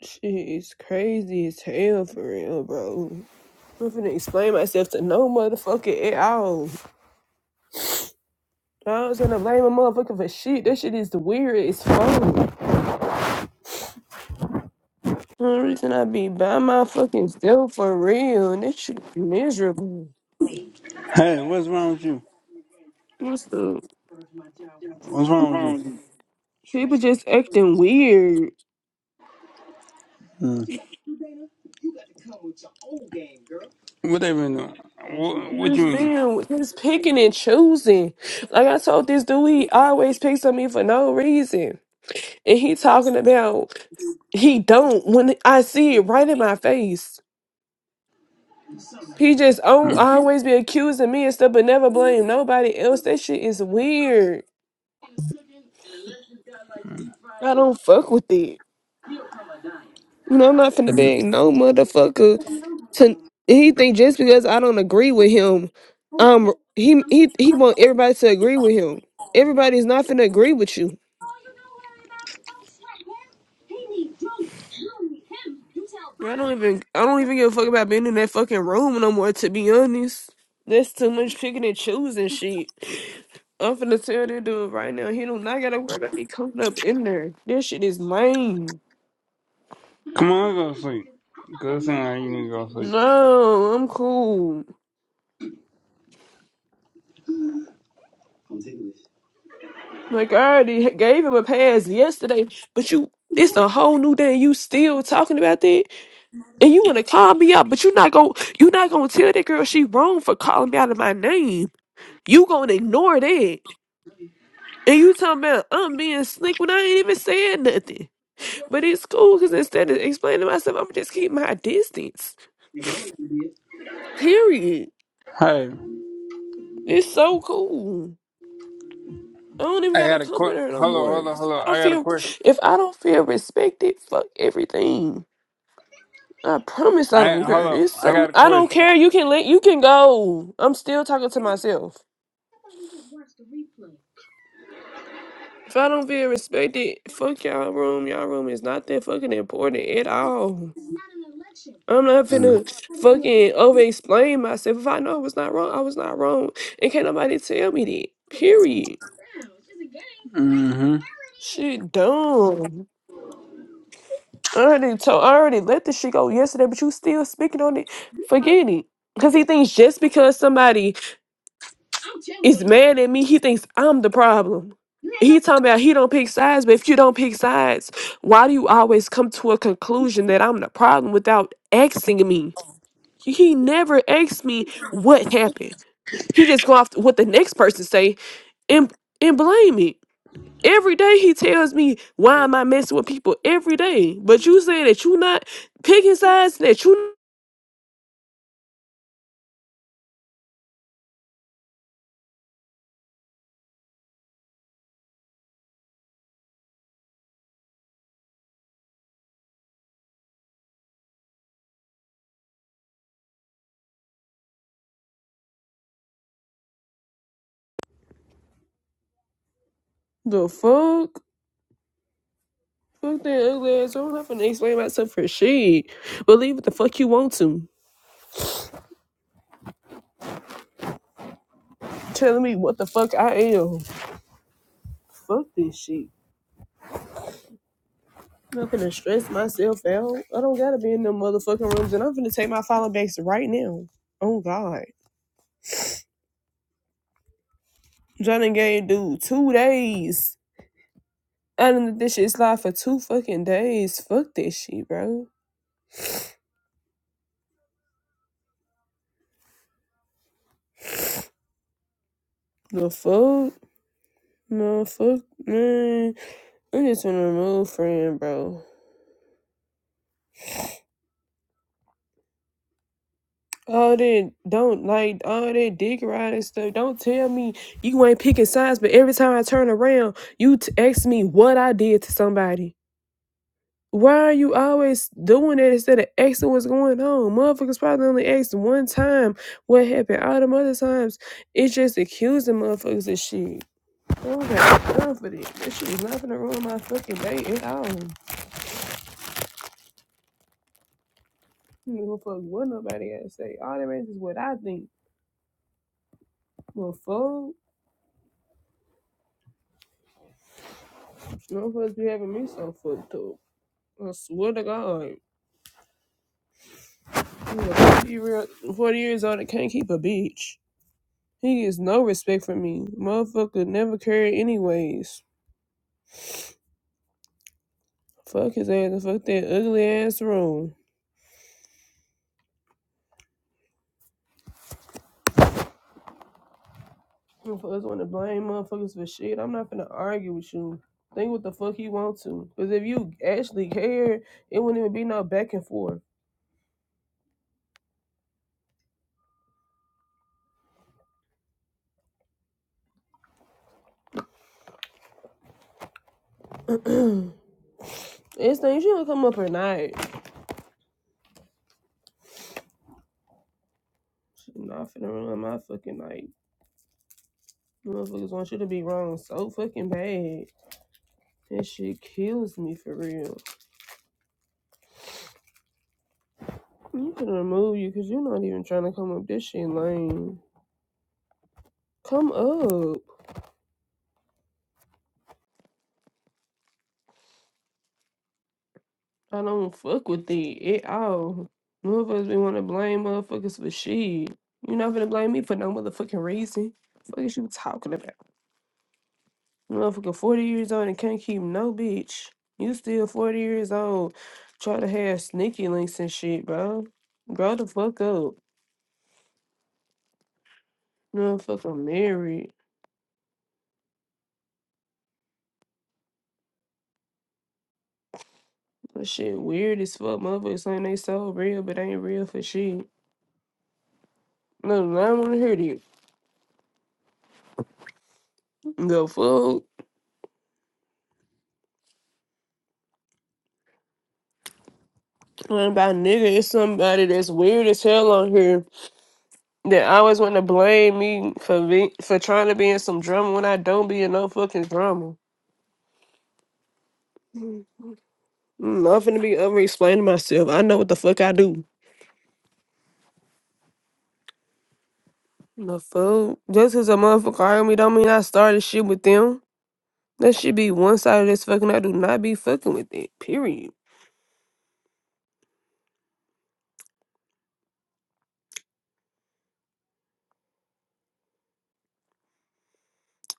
Shit is crazy as hell for real, bro. I'm finna explain myself to no motherfucker at all. I was gonna blame a motherfucker for shit. That shit is the weirdest fuck. The only reason I be by my fucking self for real, and that shit is miserable. Hey, what's wrong with you? What's the What's wrong with you? people just acting weird? Mm. What they been doing? What, what you Just mean? being, just picking and choosing. Like I told this dude, he always picks on me for no reason, and he talking about he don't when I see it right in my face. He just al- Mm. always be accusing me and stuff, but never blame nobody else. That shit is weird. I don't fuck with it. You know, I'm not finna beg no motherfucker to. He think just because I don't agree with him, um, he he he want everybody to agree with him. Everybody's not finna agree with you. I don't even I don't even give a fuck about being in that fucking room no more. To be honest, that's too much picking and choosing shit. I'm finna tell that dude right now. He do not gotta worry about me coming up in there. This shit is lame. Come on, go to sleep. Go saying how you need to go to sleep. No, I'm cool. Like I already ha- gave him a pass yesterday, but you it's a whole new day and you still talking about that and you wanna call me out, but you are not going to you are not gonna tell that girl she wrong for calling me out of my name. You gonna ignore that. And you talking about I'm being slick when I ain't even said nothing. But it's cool because instead of explaining myself, I'm just keep my distance. Period. Hey, It's so cool. I don't even I gotta got a come in question. there no Hello, more. hello, 'Cause If hello. I I don't got a feel, question. if I don't feel respected, fuck everything. I promise I I don't care. hello. It's I some. got a I don't question. care. You can let. You can go. I'm still talking to myself. If I don't feel respected, fuck y'all room. Y'all room is not that fucking important at all. I'm not finna fucking over explain myself. If I know I was not wrong, I was not wrong. And can't nobody tell me that. Period. Mm-hmm. Shit, dumb. I already told, I already let this shit go yesterday, but you still speaking on it. Forget it. Cause he thinks just because somebody is mad at me, he thinks I'm the problem. He talking about he don't pick sides, but if you don't pick sides, why do you always come to a conclusion that I'm the problem without asking me? He never asked me what happened. He just go off what the next person say and and blame it. Every day he tells me why am I messing with people every day. But you say that you not picking sides that you the fuck? Fuck that ugly ass. I'm not finna explain myself for shit. Believe what the fuck you want to. Telling me what the fuck I am. Fuck this shit. I'm not finna stress myself out. I don't gotta be in them motherfucking rooms and I'm finna take my follow backs right now. Oh god. Johnny gave dude two days. I done let this shit slide for two fucking days. Fuck this shit, bro. The fuck? No, fuck, man. I'm just in a mood, friend, bro. All that don't like all that dick riding stuff. Don't tell me you ain't picking sides, but every time I turn around, you t- ask me what I did to somebody. Why are you always doing that instead of asking what's going on? Motherfuckers probably only asked one time what happened. All them other times, it's just accusing motherfuckers of shit. I don't got time for that. That shit is not gonna ruin my fucking day at all. I don't give a fuck what nobody else say. All that matters is what I think. Well, fuck, no supposed be having me so fucked up. I swear to God, I'm 40 years old that can't keep a bitch. He gets no respect from me. Motherfucker never cared anyways. Fuck his ass and fuck that ugly ass room. Motherfuckers want to blame motherfuckers for shit. I'm not finna argue with you. Think what the fuck he want to. Because if you actually cared, it wouldn't even be no back and forth. it's things you don't come up or not. Shit, Not finna ruin my fucking night. Motherfuckers want you to be wrong so fucking bad. That shit kills me for real. You can remove you because you're not even trying to come up. This shit Lane, Come up. I don't fuck with it at all. Motherfuckers be want to blame motherfuckers for shit. You're not gonna blame me for no motherfucking reason. What the fuck is you talking about? Motherfucker, 40 years old and can't keep no bitch. You still 40 years old. Try to have sneaky links and shit, bro. Grow the fuck up. Motherfucker married. That shit weird as fuck. Motherfuckers saying they so real, but they ain't real for shit. No, I don't wanna hear you. The fuck? What about nigga? It's somebody that's weird as hell on here that always want to blame me for be- for trying to be in some drama when I don't be in no fucking drama. I'm not finna be over explaining myself. I know what the fuck I do. The fuck? Just cause a motherfucker hired me don't mean I started shit with them. That shit be one sided as fucking. I do not be fucking with it. Period.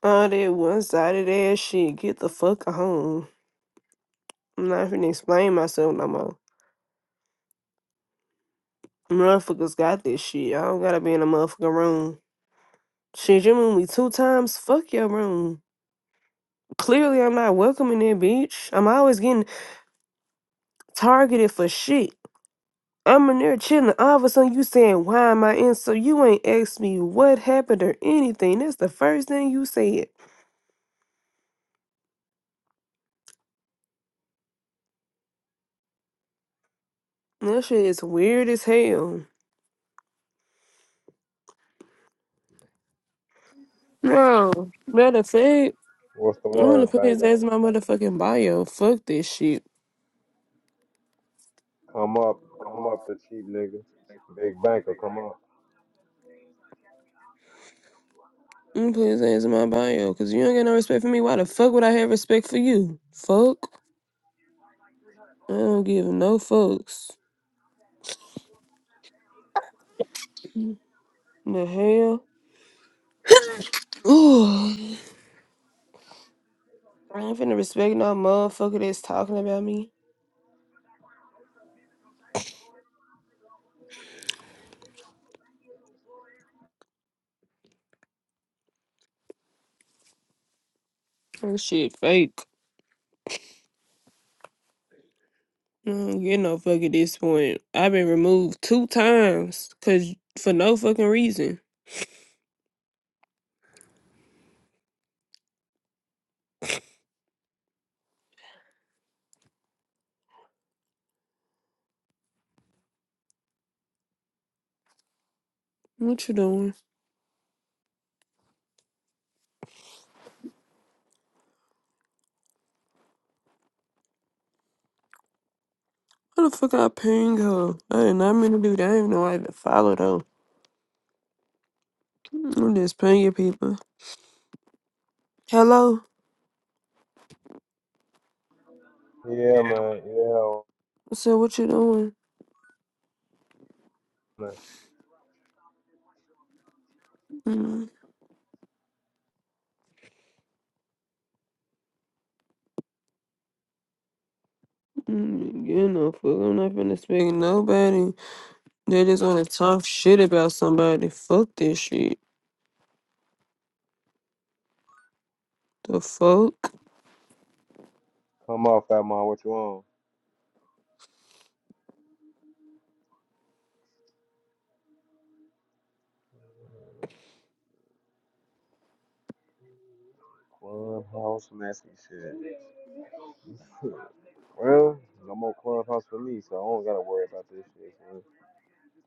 All that one sided ass shit. Get the fuck home. I'm not finna explain myself no more. Motherfuckers got this shit. I don't gotta be in a motherfucking room. Shit, you moved me two times. Fuck your room. Clearly, I'm not welcome in there, bitch. I'm always getting targeted for shit. I'm in there chilling. All of a sudden, you saying, "Why am I in?" So you ain't asked me what happened or anything. That's the first thing you said. That shit is weird as hell. No, matter of fact, I'm gonna put his ass in my motherfucking bio. Fuck this shit. I'm gonna put his ass in my bio because you don't get no respect for me. Why the fuck would I have respect for you? Fuck. I don't give no fucks. The hell. Ooh. I ain't finna respect no motherfucker that's talking about me. That shit fake. Mm, you know, fuck at this point. I've been removed two times because for no fucking reason. What you doing? How the fuck I ping her? I did not mean to do that. I didn't know I had to follow though. I'm just pinging people. Hello. So what you doing? Mm, mm, you know, fuck. I'm not finna speak to nobody. They just wanna talk shit about somebody. Fuck this shit. The fuck?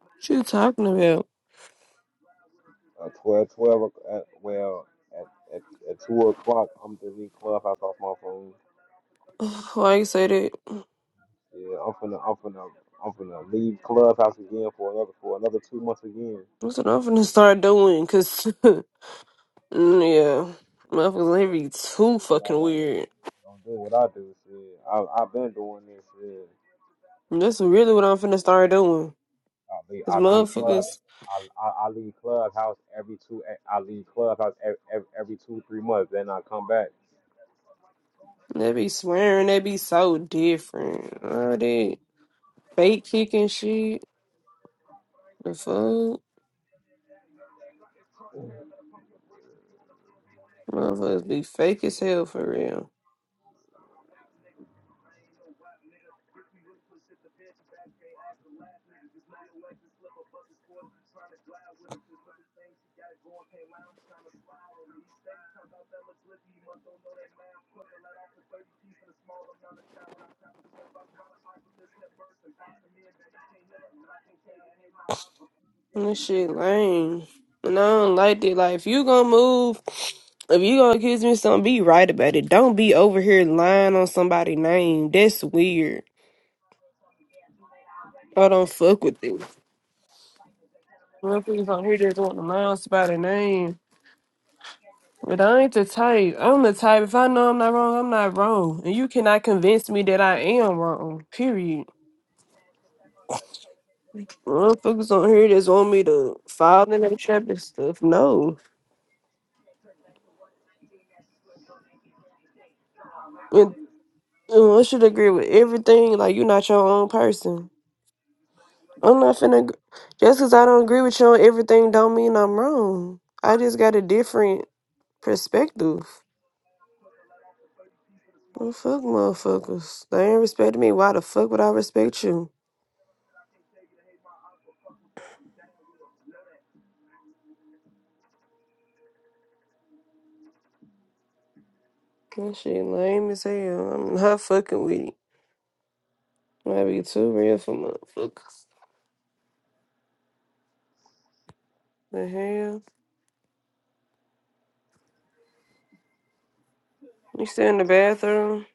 What you talking about? Why you say that? That's what I'm finna start doing, cause. Mm, Yeah, motherfuckers ain't be too fucking weird. That's really what I'm finna start doing. Cause motherfuckers, they be swearing, they be so different. All that fake kicking shit, the fuck, motherfuckers be fake as hell for real. And this shit lame, and I don't like that. Like if you gonna move, if you gonna accuse me of something, be right about it. Don't be over here lying on somebody's name. That's weird. I don't fuck with it. Motherfuckers on here just want to mind by the name. But I ain't the type. I'm the type. If I know I'm not wrong, I'm not wrong. And you cannot convince me that I am wrong. Period. Motherfuckers on here just want me to fall in their trap and stuff. No. And, and I should agree with everything. Like, you're not your own person. I'm not finna. ag- Just because I don't agree with you on everything, don't mean I'm wrong. I just got a different perspective. Well, fuck motherfuckers. They ain't respecting me. Why the fuck would I respect you? That shit lame as hell. I'm not fucking with it. Might be too real for motherfuckers. The hell? You still in the bathroom?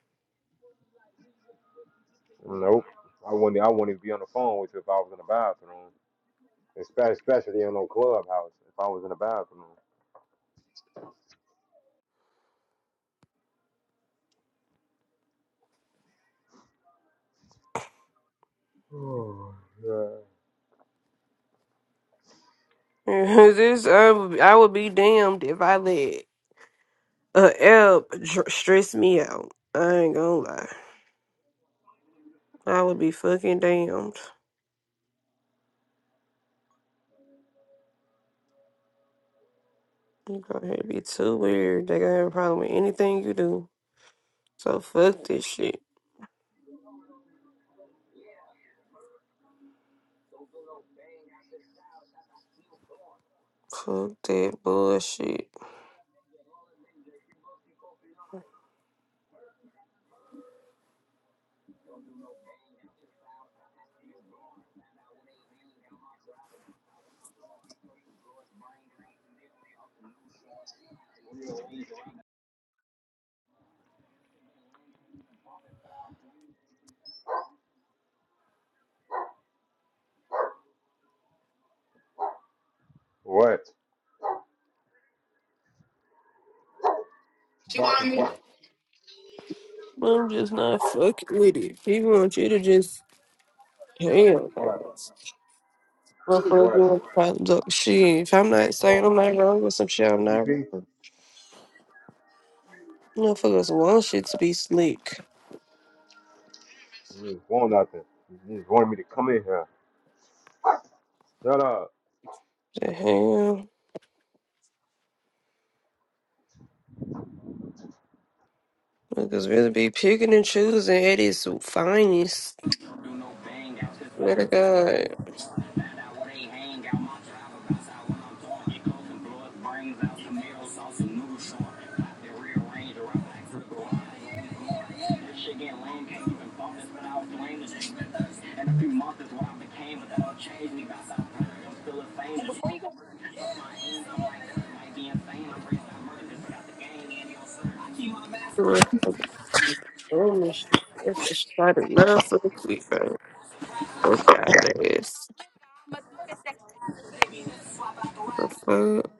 this I would, I would be damned if I let a L dr- stress me out. I ain't gonna lie. I would be fucking damned. You go ahead be too weird. They gonna have a problem with anything you do. So fuck this shit. Fuck that bullshit. I'm just not fucking with it. People want you to just damn. Motherfucker popped up shit. If I'm not saying I'm not wrong with some shit, I'm not wrong. Motherfuckers want shit to be sleek. The hell? Motherfuckers really be picking and choosing at its finest. Swear to God. Motherfuckers doing this shit. That's the shit I do not fuck with, bro. Fuck y'all ass. The fuck?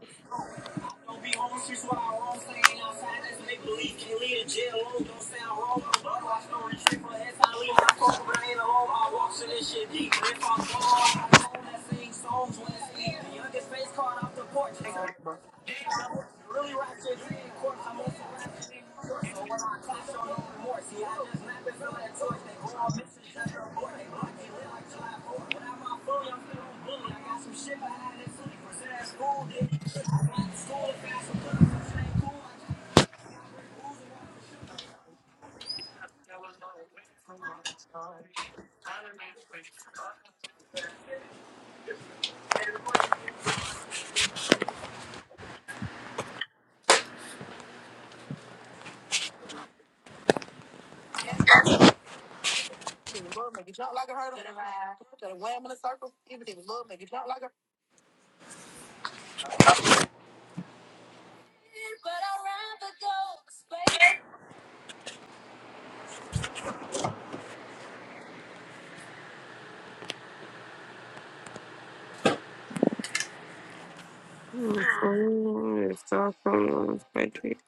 The fuck? It's all from the country.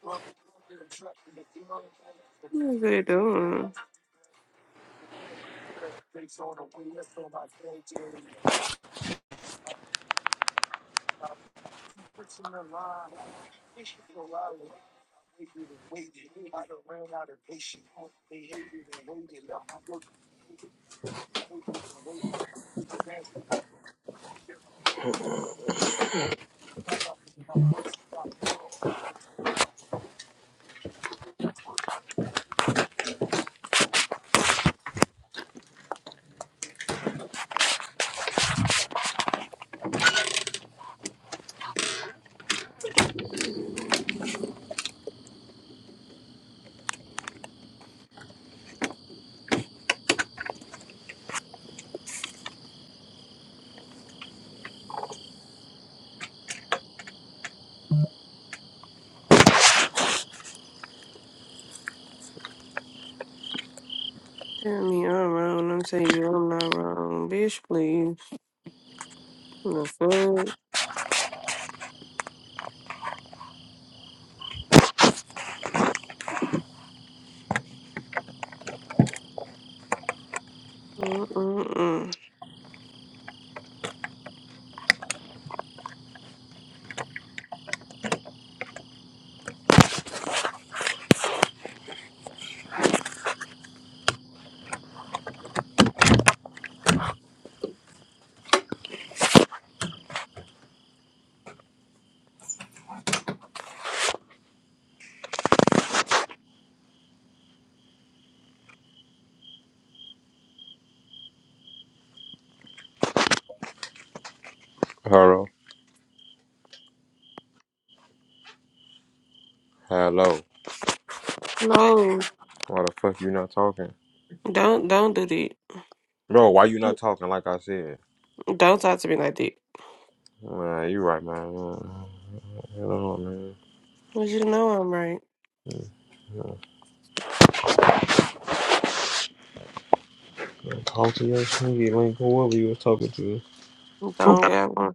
What are they doing? Tell me I'm wrong. I'm telling you I'm not wrong. Bitch, please. The fuck? Mm-mm-mm. Hello. Hello. No, Why the fuck you not talking? don't don't do that. Bro, why you not talking like I said? Don't talk to me like that. Man, you right, man. Hello, man. Cause you know I'm right. Talk to your shit, link, whoever you was talking to. Don't got one.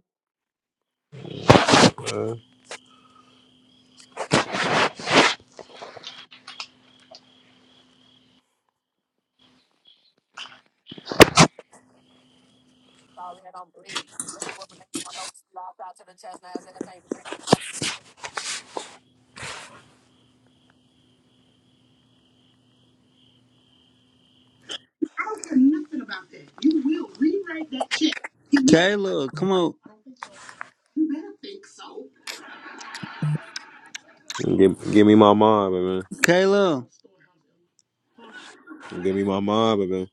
Kayla, come on, Give, give me my mind, baby. Kayla, Give me my mind, baby.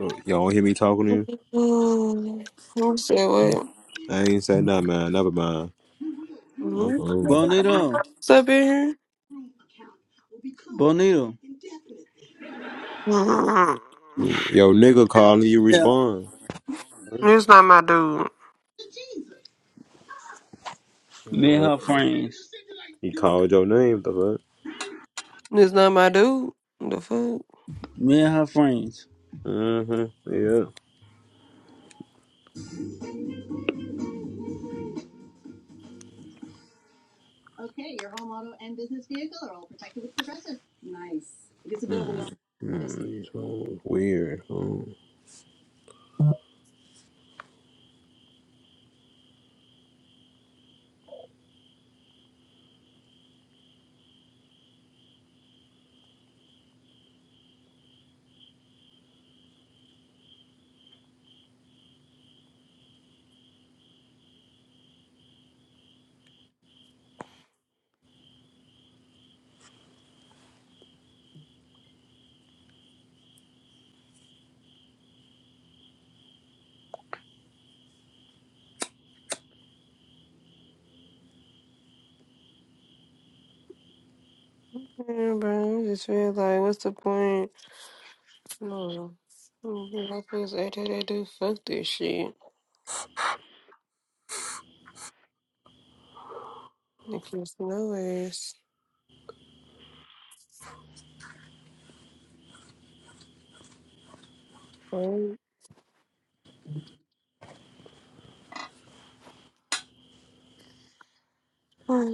Oh, Y'all don't hear me talking to you? Mm, You said what? I ain't say nothing, man. Never mind. Mhm. Mm-mm. Bonito, What's up in here? Bonito. Mm-mm. Yo, nigga calling you Yeah, respond. This not my dude. me and Alright. her friends. He called your name, the This not my dude. The fuck? Me and her friends. fuck? Mm-hmm. Yeah. Mm-hmm. Weird. Mm. Yeah, bro. I just feel like, what's the point? No. I feel like that dude. Fuck this shit. Nicholas Bye. Bye.